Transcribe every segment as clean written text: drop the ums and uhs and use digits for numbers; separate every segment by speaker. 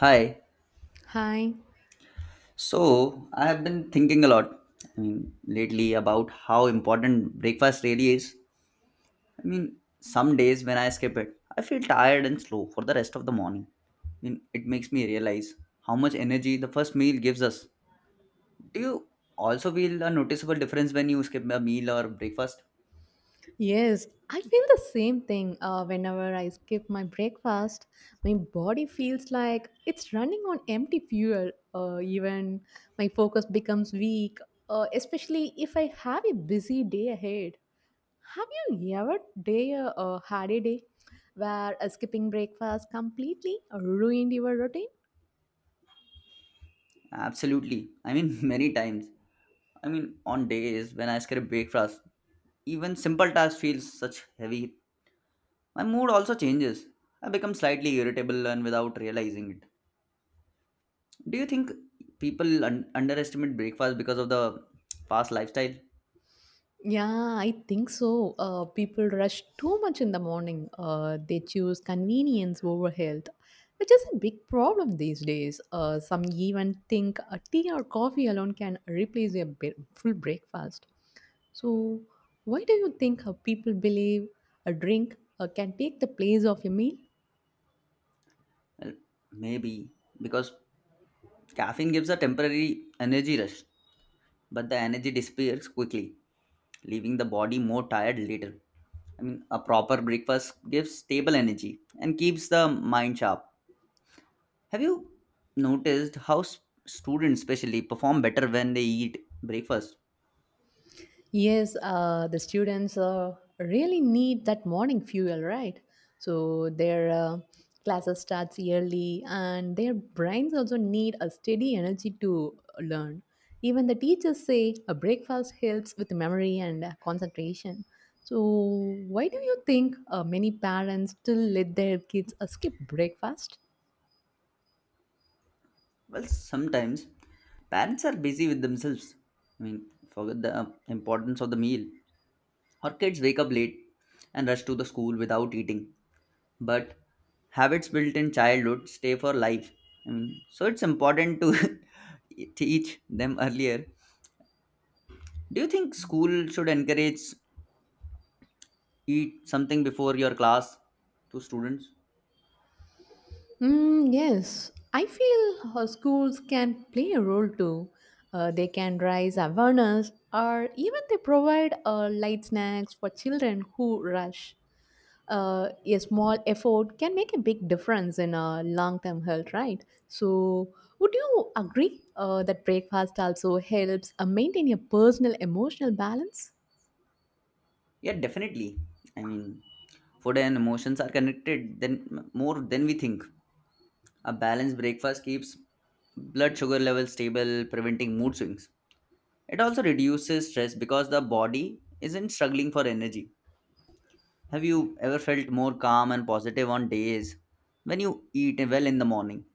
Speaker 1: Hi.
Speaker 2: Hi.
Speaker 1: So I have been thinking a lot, I mean, lately about how important breakfast really is. I mean, some days when I skip it, I feel tired and slow for the rest of the morning. I mean, it makes me realize how much energy the first meal gives us. Do you also feel a noticeable difference when you skip a meal or breakfast?
Speaker 2: Yes, I feel the same thing whenever I skip my breakfast. My body feels like it's running on empty fuel. Even my focus becomes weak, especially if I have a busy day ahead. Have you ever day Had a day where skipping breakfast completely ruined your routine?
Speaker 1: Absolutely. I mean, many times. I mean, on days when I skip breakfast, even simple tasks feel such heavy. My mood also changes. I become slightly irritable and without realizing it. Do you think people underestimate breakfast because of the fast lifestyle?
Speaker 2: Yeah, I think so. People rush too much in the morning. They choose convenience over health, which is a big problem these days. Some even think a tea or coffee alone can replace a full breakfast. So, why do you think people believe a drink can take the place of a meal?
Speaker 1: Well, maybe because caffeine gives a temporary energy rush, but the energy disappears quickly, leaving the body more tired later. I mean, a proper breakfast gives stable energy and keeps the mind sharp. Have you noticed how students, especially, perform better when they eat breakfast?
Speaker 2: Yes, the students really need that morning fuel, right? So their classes starts early, and their brains also need a steady energy to learn. Even the teachers say a breakfast helps with memory and concentration. So why do you think many parents still let their kids skip breakfast?
Speaker 1: Well, sometimes parents are busy with themselves. I mean, forget the importance of the meal. Or kids wake up late and rush to the school without eating. But habits built in childhood stay for life. I mean, so it's important to teach them earlier. Do you think school should encourage eat something before your class to students?
Speaker 2: Mm, yes, I feel schools can play a role too. They can raise awareness or even they provide light snacks for children who rush. A small effort can make a big difference in a long-term health, right? So, would you agree that breakfast also helps maintain a personal emotional balance?
Speaker 1: Yeah, definitely. I mean, food and emotions are connected then more than we think. A balanced breakfast keeps blood sugar levels stable, preventing mood swings. It also reduces stress because the body isn't struggling for energy. Have you ever felt more calm and positive on days when you eat well in the morning?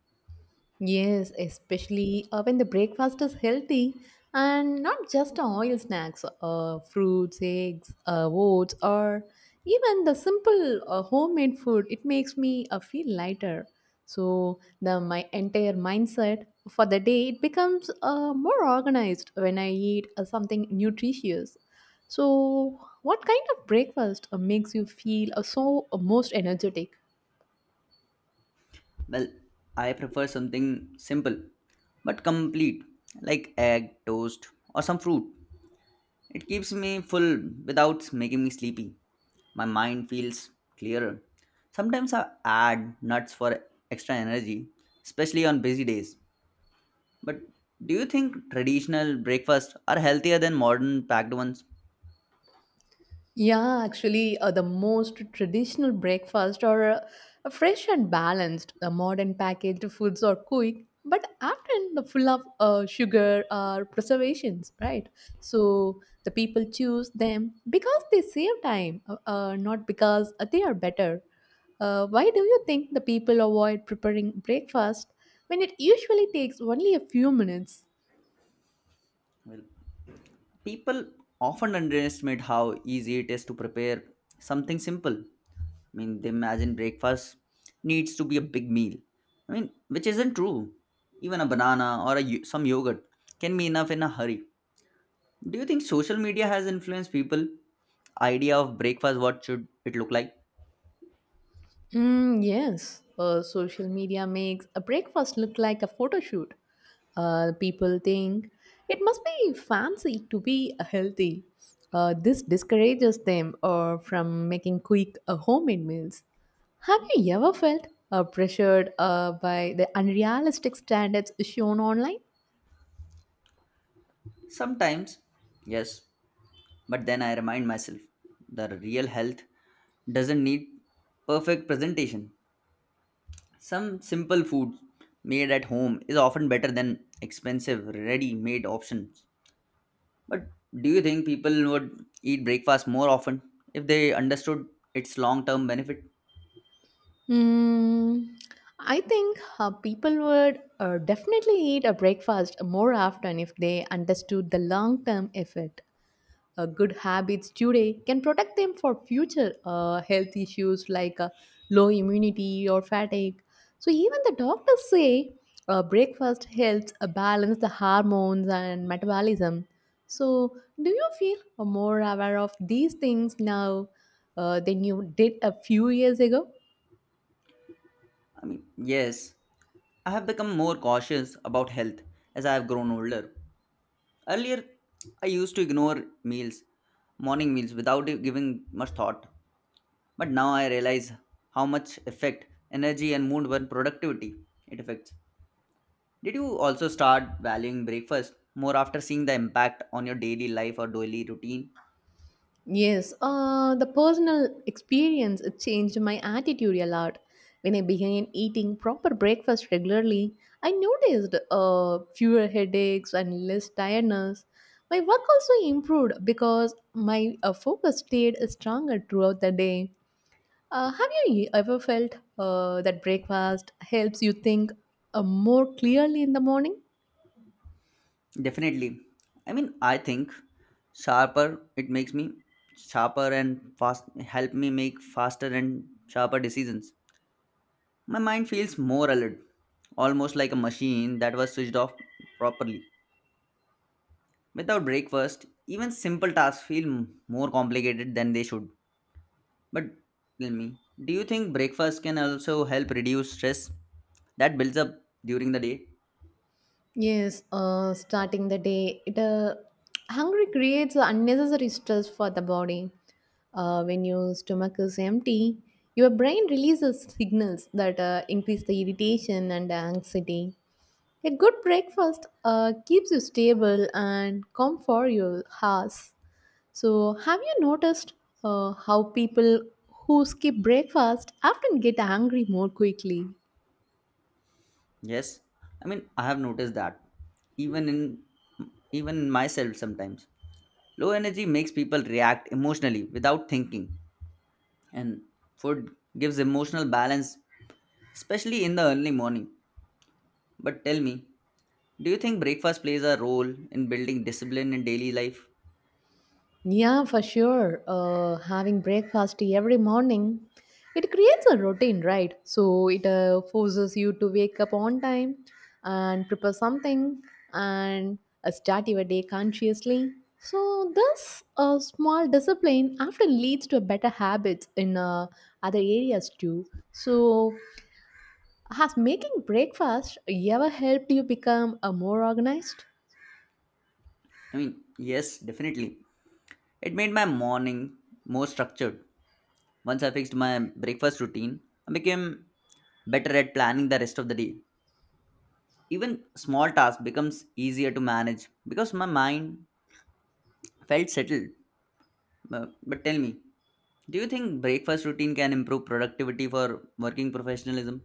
Speaker 2: Yes, especially when the breakfast is healthy and not just oil snacks, fruits, eggs, oats, or even the simple homemade food. It makes me feel lighter. So the my entire mindset for the day it becomes more organized when I eat something nutritious. So what kind of breakfast makes you feel most energetic?
Speaker 1: Well, I prefer something simple but complete like egg, toast, or some fruit. It keeps me full without making me sleepy. My mind feels clearer. Sometimes I add nuts for extra energy, especially on busy days. But do you think traditional breakfasts are healthier than modern packed ones?
Speaker 2: Yeah, actually, the most traditional breakfast are fresh and balanced. The modern packaged foods are quick, but often the full of sugar or preservations, right? So the people choose them because they save time, not because they are better. Why do you think the people avoid preparing breakfast when it usually takes only a few minutes?
Speaker 1: Well, people often underestimate how easy it is to prepare something simple. I mean, they imagine breakfast needs to be a big meal. I mean, which isn't true. Even a banana or some yogurt can be enough in a hurry. Do you think social media has influenced people idea of breakfast what should it look like?
Speaker 2: Mm, yes, social media makes a breakfast look like a photo shoot. People think it must be fancy to be healthy. This discourages them or from making quick homemade meals. Have you ever felt pressured by the unrealistic standards shown online?
Speaker 1: Sometimes, yes, but then I remind myself the real health doesn't need perfect presentation. Some simple food made at home is often better than expensive ready-made options. But do you think people would eat breakfast more often if they understood its long-term benefit?
Speaker 2: Mm, I think people would definitely eat a breakfast more often if they understood the long term effect. Good habits today can protect them for future health issues like low immunity or fatigue. So even the doctors say breakfast helps balance the hormones and metabolism. So do you feel more aware of these things now than you did a few years ago?
Speaker 1: I mean, yes, I have become more cautious about health as I have grown older. Earlier, I used to ignore meals, morning meals, without giving much thought. But now I realize how much effect energy and mood and productivity it affects. Did you also start valuing breakfast more after seeing the impact on your daily life or daily routine?
Speaker 2: Yes, the personal experience it changed my attitude a lot. When I began eating proper breakfast regularly, I noticed fewer headaches and less tiredness. My work also improved because my focus stayed stronger throughout the day. Ever felt that breakfast helps you think more clearly in the morning?
Speaker 1: Definitely. I mean, I think sharper it makes me sharper and fast help me make faster and sharper decisions. My mind feels more alert, almost like a machine that was switched off properly. Without breakfast, even simple tasks feel more complicated than they should. But tell me, do you think breakfast can also help reduce stress that builds up during the day?
Speaker 2: Yes, starting the day, it hungry creates unnecessary stress for the body. When your stomach is empty, your brain releases signals that increase the irritation and anxiety. A good breakfast keeps you stable and calm for your house. So, have you noticed how people who skip breakfast often get angry more quickly?
Speaker 1: Yes, I mean, I have noticed that even in even in myself sometimes. Low energy makes people react emotionally without thinking, and food gives emotional balance, especially in the early morning. But tell me, do you think breakfast plays a role in building discipline in daily life?
Speaker 2: Yeah, for sure. Having breakfast every morning, it creates a routine, right? So it forces you to wake up on time and prepare something and start your day consciously. So this small discipline often leads to better habits in other areas too. So has making breakfast ever helped you become more organized?
Speaker 1: I mean, yes, definitely. It made my morning more structured. Once I fixed my breakfast routine, I became better at planning the rest of the day. Even small tasks becomes easier to manage because my mind felt settled. But tell me, do you think breakfast routine can improve productivity for working professionalism?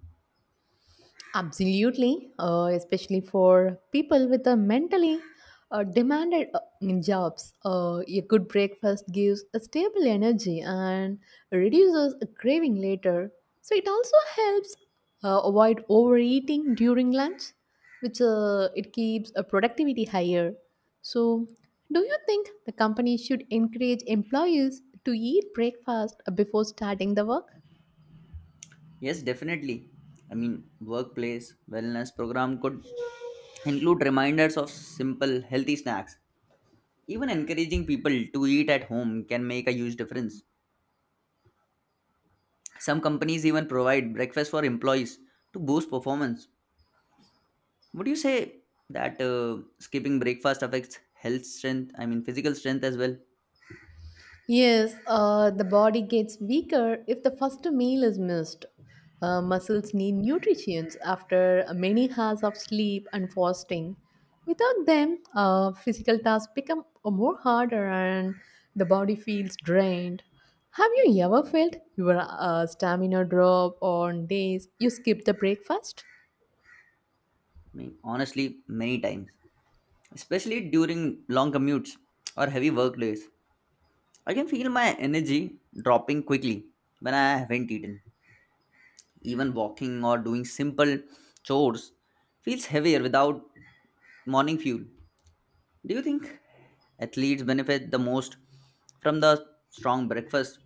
Speaker 2: Absolutely, especially for people with a mentally demanded jobs. A good breakfast gives a stable energy and reduces a craving later. So it also helps avoid overeating during lunch, which it keeps a productivity higher. So, do you think the company should encourage employees to eat breakfast before starting the work?
Speaker 1: Yes, definitely. I mean, workplace wellness program could include reminders of simple, healthy snacks. Even encouraging people to eat at home can make a huge difference. Some companies even provide breakfast for employees to boost performance. Would you say that skipping breakfast affects health strength, I mean, physical strength as well? I
Speaker 2: Yes, the body gets weaker if the first meal is missed. Muscles need nutrition after many hours of sleep and fasting. Without them, physical tasks become more harder and the body feels drained. Have you ever felt your stamina drop on days you skip the breakfast?
Speaker 1: mean, honestly, many times, especially during long commutes or heavy work days. I can feel my energy dropping quickly when I haven't eaten. Even walking or doing simple chores feels heavier without morning fuel. Do you think athletes benefit the most from the strong breakfast?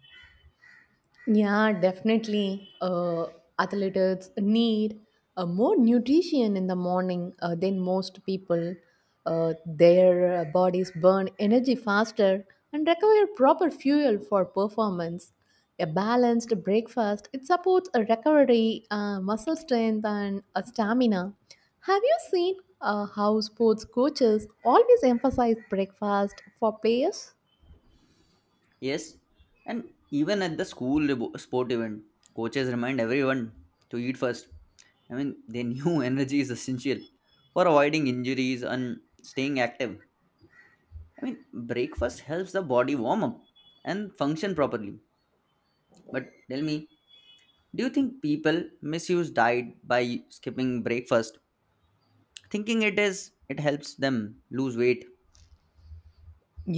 Speaker 2: Yeah, definitely. Athletes need more nutrition in the morning than most people. Their bodies burn energy faster and require proper fuel for performance. A balanced breakfast it supports a recovery, muscle strength, and a stamina. Have you seen how sports coaches always emphasize breakfast for players?
Speaker 1: Yes, and even at the school sport event, coaches remind everyone to eat first. I mean, they knew energy is essential for avoiding injuries and staying active. I mean, breakfast helps the body warm up and function properly. But tell me, do you think people misuse diet by skipping breakfast, thinking it helps them lose weight?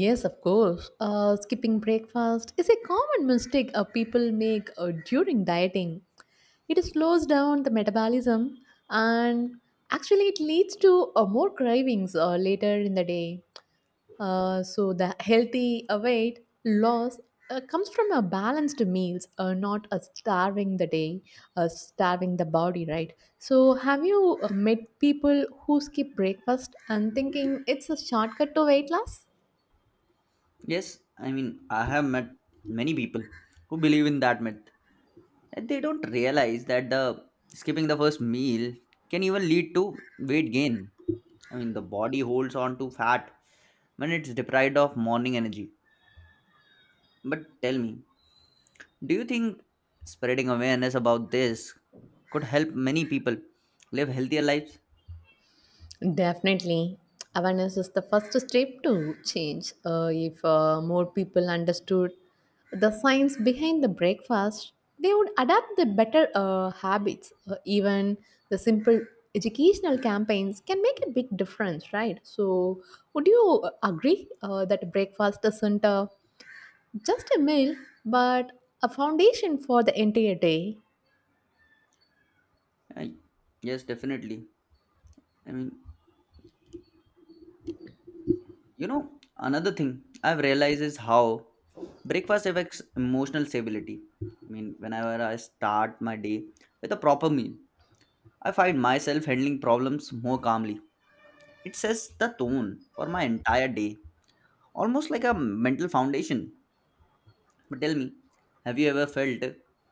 Speaker 2: Yes, of course. Skipping breakfast is a common mistake people make during dieting. It slows down the metabolism and actually it leads to more cravings later in the day. So the healthy weight loss comes from a balanced meals, not a starving the day, starving the body, right? So have you met people who skip breakfast and thinking it's a shortcut to weight loss?
Speaker 1: Yes, I mean I have met many people who believe in that myth. And they don't realize that the skipping the first meal can even lead to weight gain. I mean the body holds on to fat when it's deprived of morning energy. But tell me, do you think spreading awareness about this could help many people live healthier lives?
Speaker 2: Definitely. Awareness is the first step to change. If more people understood the science behind the breakfast, they would adapt the better habits. Even the simple educational campaigns can make a big difference, right? So, would you agree that breakfast isn't just a meal, but a foundation for the entire day?
Speaker 1: I, yes, definitely. I mean, another thing I've realized is how breakfast affects emotional stability. I mean, whenever I start my day with a proper meal, I find myself handling problems more calmly. It sets the tone for my entire day, almost like a mental foundation. But tell me, have you ever felt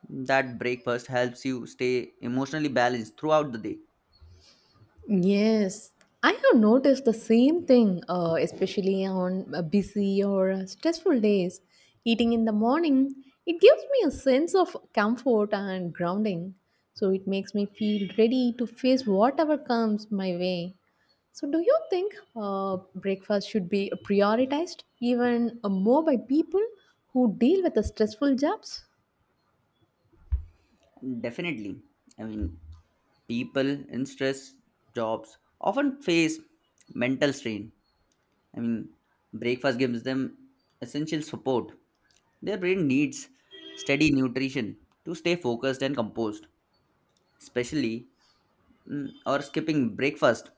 Speaker 1: that breakfast helps you stay emotionally balanced throughout the day?
Speaker 2: Yes, I have noticed the same thing, especially on busy or stressful days. Eating in the morning, it gives me a sense of comfort and grounding. So it makes me feel ready to face whatever comes my way. So, do you think breakfast should be prioritized even more by people who deal with the stressful jobs?
Speaker 1: Definitely. I mean, people in stress jobs often face mental strain. I mean, breakfast gives them essential support. Their brain needs steady nutrition to stay focused and composed. Especially, or skipping breakfast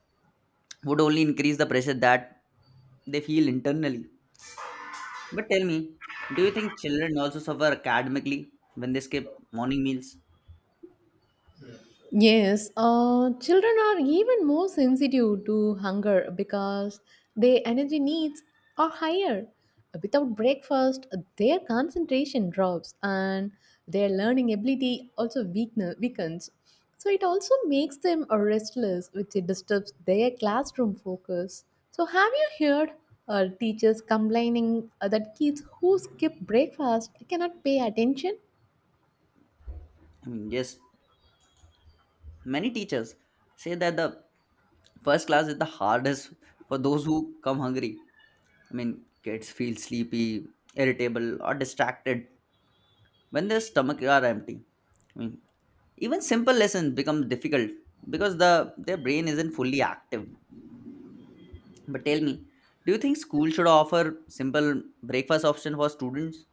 Speaker 1: would only increase the pressure that they feel internally. But tell me, do you think children also suffer academically when they skip morning meals?
Speaker 2: Yes, children are even more sensitive to hunger because their energy needs are higher. Without breakfast, their concentration drops and their learning ability also weakens. So it also makes them restless, which it disturbs their classroom focus. So have you heard teachers complaining that kids who skip breakfast cannot pay attention?
Speaker 1: I mean, yes, many teachers say that the first class is the hardest for those who come hungry. I mean, kids feel sleepy, irritable, or distracted when their stomach are empty. I mean, even simple lessons become difficult because their brain isn't fully active. But tell me, do you think school should offer simple breakfast option for students?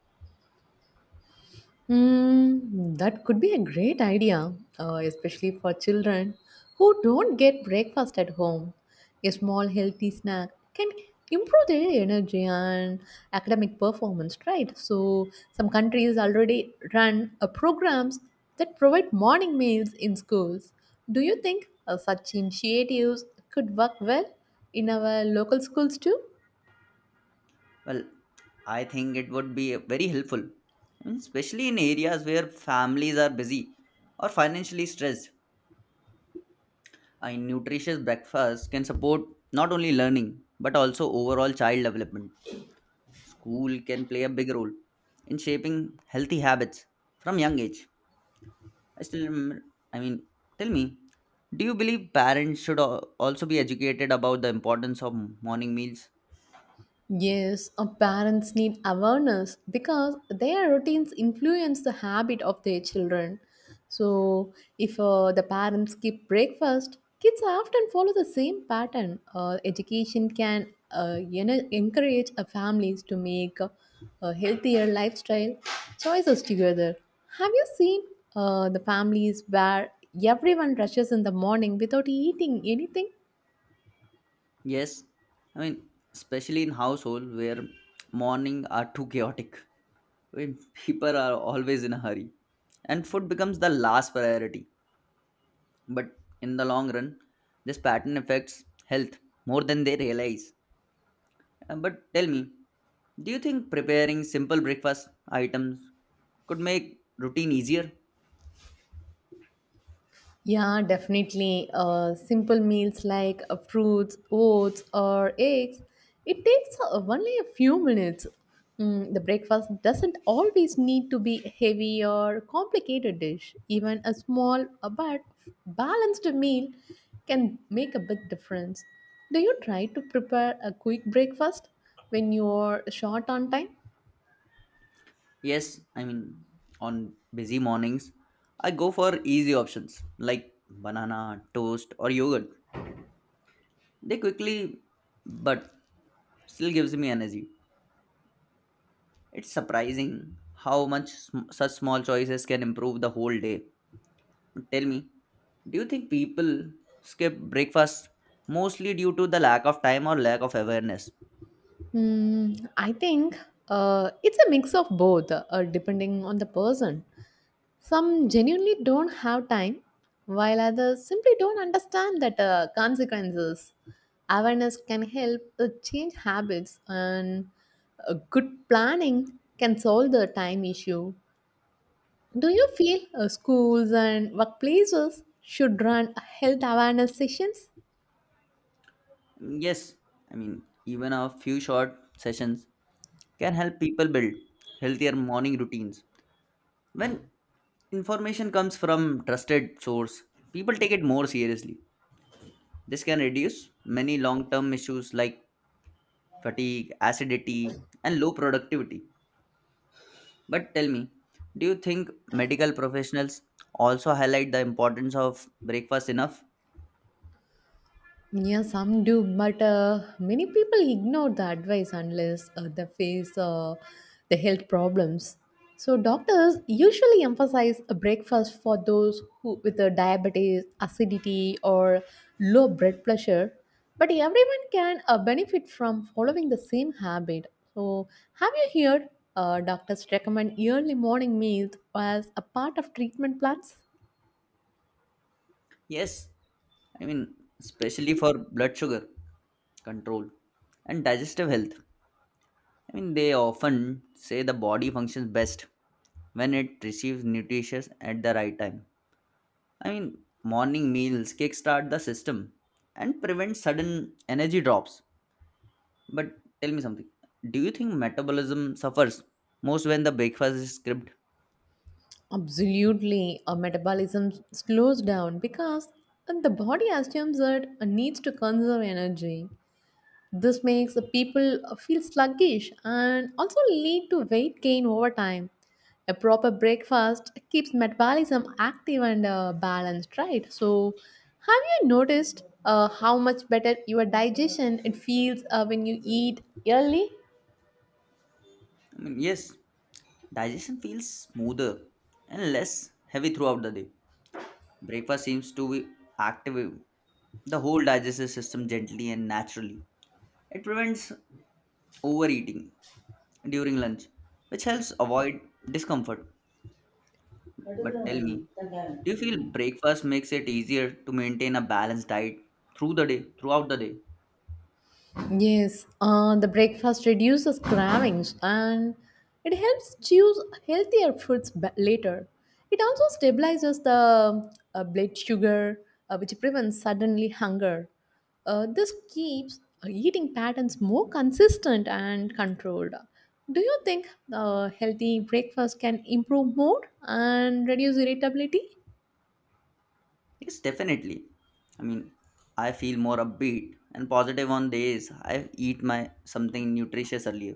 Speaker 2: Hmm, that could be a great idea, especially for children who don't get breakfast at home. A small healthy snack can improve their energy and academic performance, right? So, some countries already run programs that provide morning meals in schools. Do you think such initiatives could work well in our local schools too?
Speaker 1: Well, I think it would be very helpful, especially in areas where families are busy or financially stressed. A nutritious breakfast can support not only learning but also overall child development. School can play a big role in shaping healthy habits from young age. I still remember, I mean, tell me, do you believe parents should also be educated about the importance of morning meals?
Speaker 2: Yes, our parents need awareness because their routines influence the habit of their children. So, if the parents skip breakfast, kids often follow the same pattern. Education can encourage families to make a healthier lifestyle choices together. Have you seen the families where everyone rushes in the morning without eating anything?
Speaker 1: Yes, I mean, especially in household where morning are too chaotic, when people are always in a hurry, and food becomes the last priority but in the long run this pattern affects health more than they realize. But tell me, do you think preparing simple breakfast items could make routine easier?
Speaker 2: Yeah, definitely. Simple meals like fruits, oats, or eggs. It takes only a few minutes. Mm, the breakfast doesn't always need to be heavy or complicated dish. Even a small but balanced meal can make a big difference. Do you try to prepare a quick breakfast when you're short on time?
Speaker 1: Yes, I mean, on busy mornings, I go for easy options like banana toast or yogurt. They quickly but still gives me energy. It's surprising how much such small choices can improve the whole day. Tell me, do you think people skip breakfast mostly due to the lack of time or lack of awareness?
Speaker 2: Hmm. I think it's a mix of both, depending on the person. Some genuinely don't have time, while others simply don't understand that consequences. Awareness can help change habits, and good planning can solve the time issue. Do you feel schools and workplaces should run health awareness sessions?
Speaker 1: Yes, I mean, even a few short sessions can help people build healthier morning routines. When information comes from trusted source, people take it more seriously. This can reduce many long-term issues like fatigue, acidity, and low productivity. But tell me, do you think medical professionals also highlight the importance of breakfast enough?
Speaker 2: Yeah, some do, but many people ignore the advice unless they face the health problems. So doctors usually emphasize a breakfast for those who with a diabetes, acidity, or low blood pressure. But everyone can benefit from following the same habit. So have you heard doctors recommend early morning meals as a part of treatment plans?
Speaker 1: Yes, I mean, especially for blood sugar control and digestive health. I mean, they often say the body functions best when it receives nutrition at the right time. I mean, morning meals kickstart the system and prevent sudden energy drops. But tell me something. Do you think metabolism suffers most when the breakfast is skipped?
Speaker 2: Absolutely, our metabolism slows down because the body assumes that it needs to conserve energy. This makes the people feel sluggish and also lead to weight gain over time. A proper breakfast keeps metabolism active and balanced, right? So, have you noticed how much better your digestion it feels when you eat early?
Speaker 1: I mean, yes, digestion feels smoother and less heavy throughout the day. Breakfast seems to be active the whole digestive system gently and naturally. It prevents overeating during lunch, which helps avoid discomfort. But tell me, do you feel breakfast makes it easier to maintain a balanced diet throughout the day?
Speaker 2: Yes, the breakfast reduces cravings and it helps choose healthier foods later. It also stabilizes the blood sugar, which prevents suddenly hunger. This keeps eating patterns more consistent and controlled. Do you think healthy breakfast can improve mood and reduce irritability?
Speaker 1: Yes, definitely. I mean, I feel more upbeat and positive on days I eat my something nutritious earlier.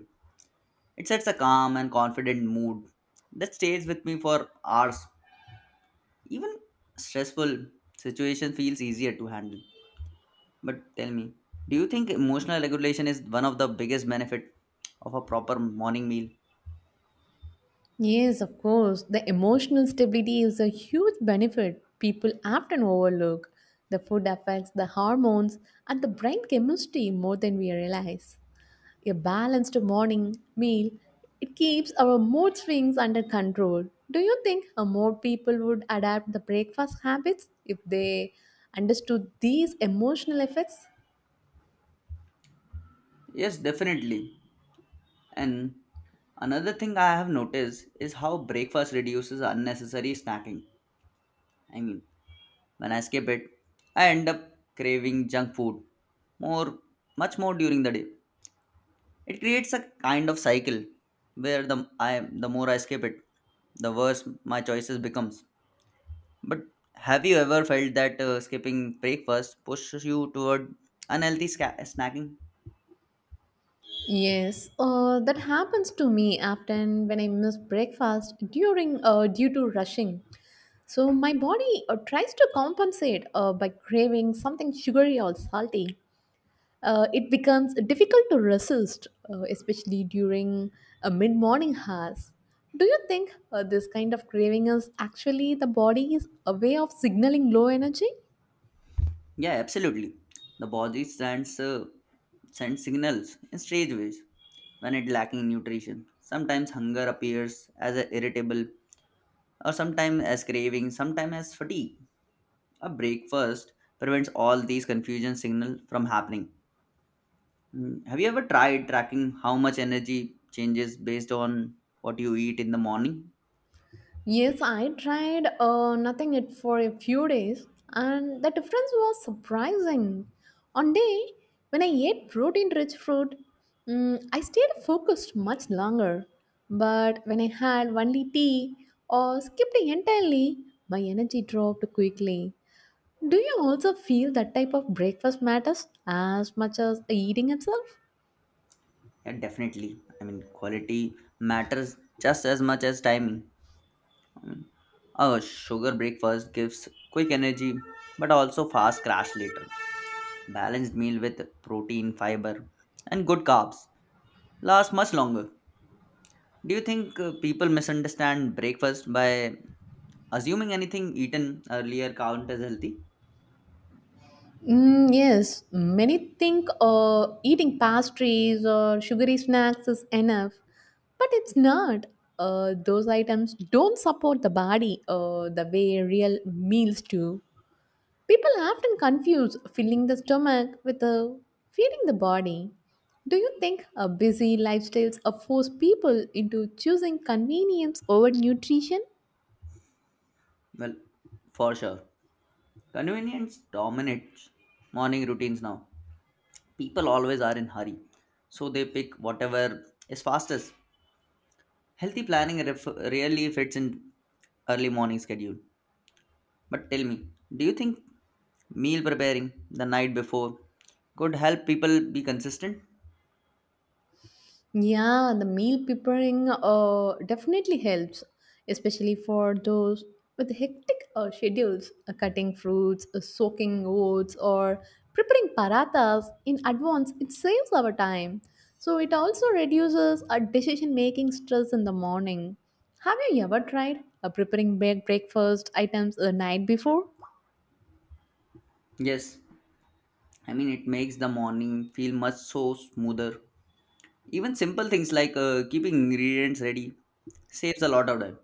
Speaker 1: It sets a calm and confident mood that stays with me for hours. Even stressful situation feels easier to handle. But tell me, do you think emotional regulation is one of the biggest benefit of a proper morning meal?
Speaker 2: Yes, of course. The emotional stability is a huge benefit people often overlook. The food affects the hormones and the brain chemistry more than we realize. A balanced morning meal it keeps our mood swings under control. Do you think more people would adapt the breakfast habits if they understood these emotional effects?
Speaker 1: Yes, definitely. And another thing I have noticed is how breakfast reduces unnecessary snacking. I mean, when I skip it, I end up craving junk food more much more during the day. It creates a kind of cycle where the more I skip it, the worse my choices becomes. But have you ever felt that skipping breakfast pushes you toward unhealthy snacking?
Speaker 2: Yes, that happens to me often when I miss breakfast during due to rushing. So my body tries to compensate by craving something sugary or salty. It becomes difficult to resist, especially during mid-morning hours. Do you think this kind of craving is actually the body's a way of signaling low energy?
Speaker 1: Yeah, absolutely. The body sends signals in strange ways when it lacking nutrition. Sometimes hunger appears as a irritable, or sometimes as craving, sometimes as fatigue. A breakfast prevents all these confusion signal from happening. Have you ever tried tracking how much energy changes based on what you eat in the morning?
Speaker 2: Yes, I tried nothing it for a few days, and the difference was surprising. On day when I ate protein-rich fruit, mm, I stayed focused much longer. But when I had only tea or skipped it entirely, my energy dropped quickly. Do you also feel that type of breakfast matters as much as eating itself?
Speaker 1: Yeah, definitely. I mean, quality matters just as much as timing. I mean, a sugar breakfast gives quick energy but also fast crash later. Balanced meal with protein, fiber, and good carbs lasts much longer. Do you think people misunderstand breakfast by assuming anything eaten earlier count as healthy?
Speaker 2: Mm, yes, many think eating pastries or sugary snacks is enough, but it's not. Those items don't support the body the way real meals do. People often confuse filling the stomach with feeding the body. Do you think busy lifestyles force people into choosing convenience over nutrition?
Speaker 1: Well, for sure. Convenience dominates morning routines now. People always are in hurry, so they pick whatever is fastest. Healthy planning really fits in early morning schedule. But tell me, do you think meal preparing the night before could help people be consistent?
Speaker 2: Yeah, the meal preparing definitely helps, especially for those with hectic schedules, cutting fruits, soaking oats, or preparing parathas in advance. It saves our time. So it also reduces our decision making stress in the morning. Have you ever tried breakfast items the night before?
Speaker 1: Yes, I mean it makes the morning feel much so smoother. Even simple things like keeping ingredients ready saves a lot of time.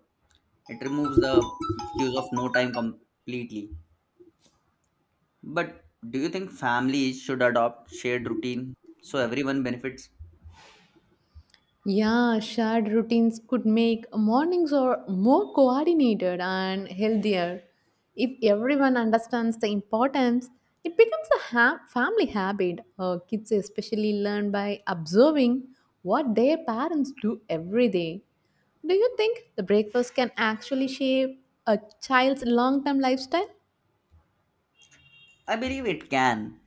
Speaker 1: It removes the excuse of no time completely. But do you think families should adopt shared routine so everyone benefits?
Speaker 2: Yeah, shared routines could make mornings or more coordinated and healthier. If everyone understands the importance, it becomes a family habit. Kids especially learn by observing what their parents do every day. Do you think the breakfast can actually shape a child's long-term lifestyle?
Speaker 1: I believe it can,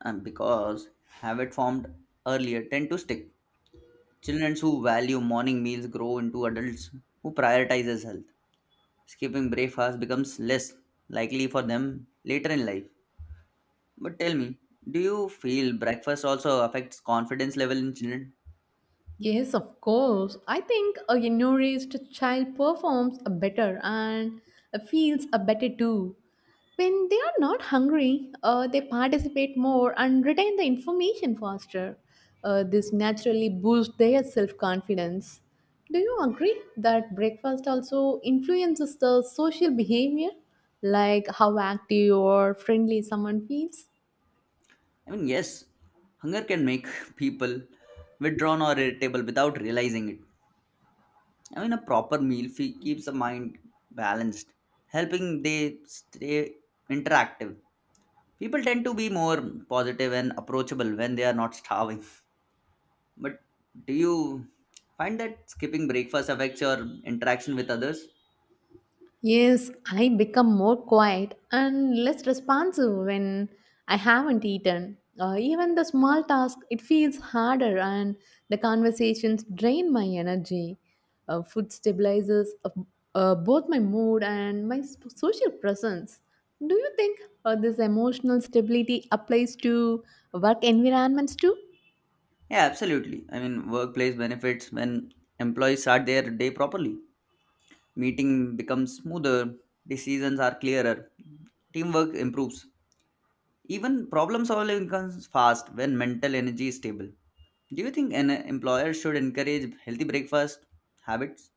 Speaker 1: because habit formed earlier tend to stick. Children who value morning meals grow into adults who prioritizes health. Skipping breakfast becomes less likely for them later in life. But tell me, do you feel breakfast also affects confidence level in children?
Speaker 2: Yes, of course. I think a nourished child performs a better and feels a better too. When they are not hungry, they participate more and retain the information faster. This naturally boosts their self confidence. Do you agree that breakfast also influences the social behavior, like how active or friendly someone feels?
Speaker 1: I mean, yes, hunger can make people withdrawn or irritable without realizing it. I mean, a proper meal fee keeps the mind balanced, helping they stay interactive. People tend to be more positive and approachable when they are not starving. But do you find that skipping breakfast affects your interaction with others?
Speaker 2: Yes, I become more quiet and less responsive when I haven't eaten. Even the small task, it feels harder, and the conversations drain my energy. Food stabilizes both my mood and my social presence. Do you think this emotional stability applies to work environments too?
Speaker 1: Yeah, absolutely. I mean, workplace benefits when employees start their day properly. Meeting becomes smoother, decisions are clearer, teamwork improves. Even problem solving comes fast when mental energy is stable. Do you think an employer should encourage healthy breakfast habits?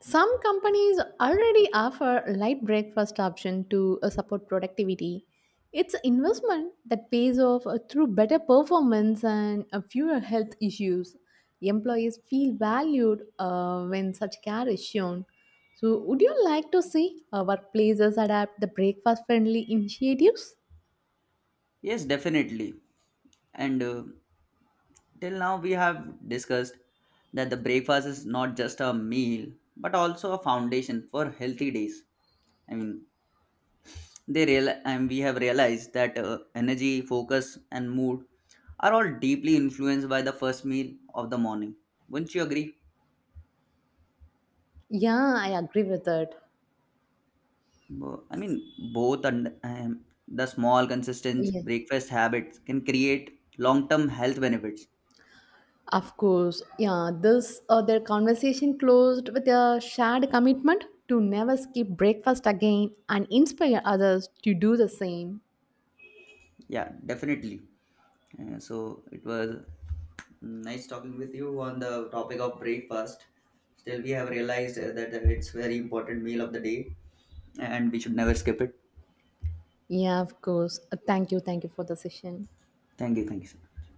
Speaker 2: Some companies already offer light breakfast option to support productivity. It's an investment that pays off through better performance and fewer health issues. Employees feel valued when such care is shown. So, would you like to see workplaces adapt the breakfast friendly initiatives?
Speaker 1: Yes, definitely. And till now, we have discussed that the breakfast is not just a meal but also a foundation for healthy days. I mean, they real and we have realized that energy, focus, and mood are all deeply influenced by the first meal of the morning. Wouldn't you agree?
Speaker 2: Yeah, I agree with that.
Speaker 1: I mean, both and the small,
Speaker 2: Yeah.
Speaker 1: consistent breakfast habits can create long term health benefits.
Speaker 2: Of course, yeah, this their conversation closed with a shared commitment to never skip breakfast again and inspire others to do the same.
Speaker 1: Yeah, definitely. So it was nice talking with you on the topic of breakfast. Still, we have realized that it's very important meal of the day, and we should never skip it.
Speaker 2: Yeah, of course. Thank you. Thank you for the session.
Speaker 1: Thank you so much.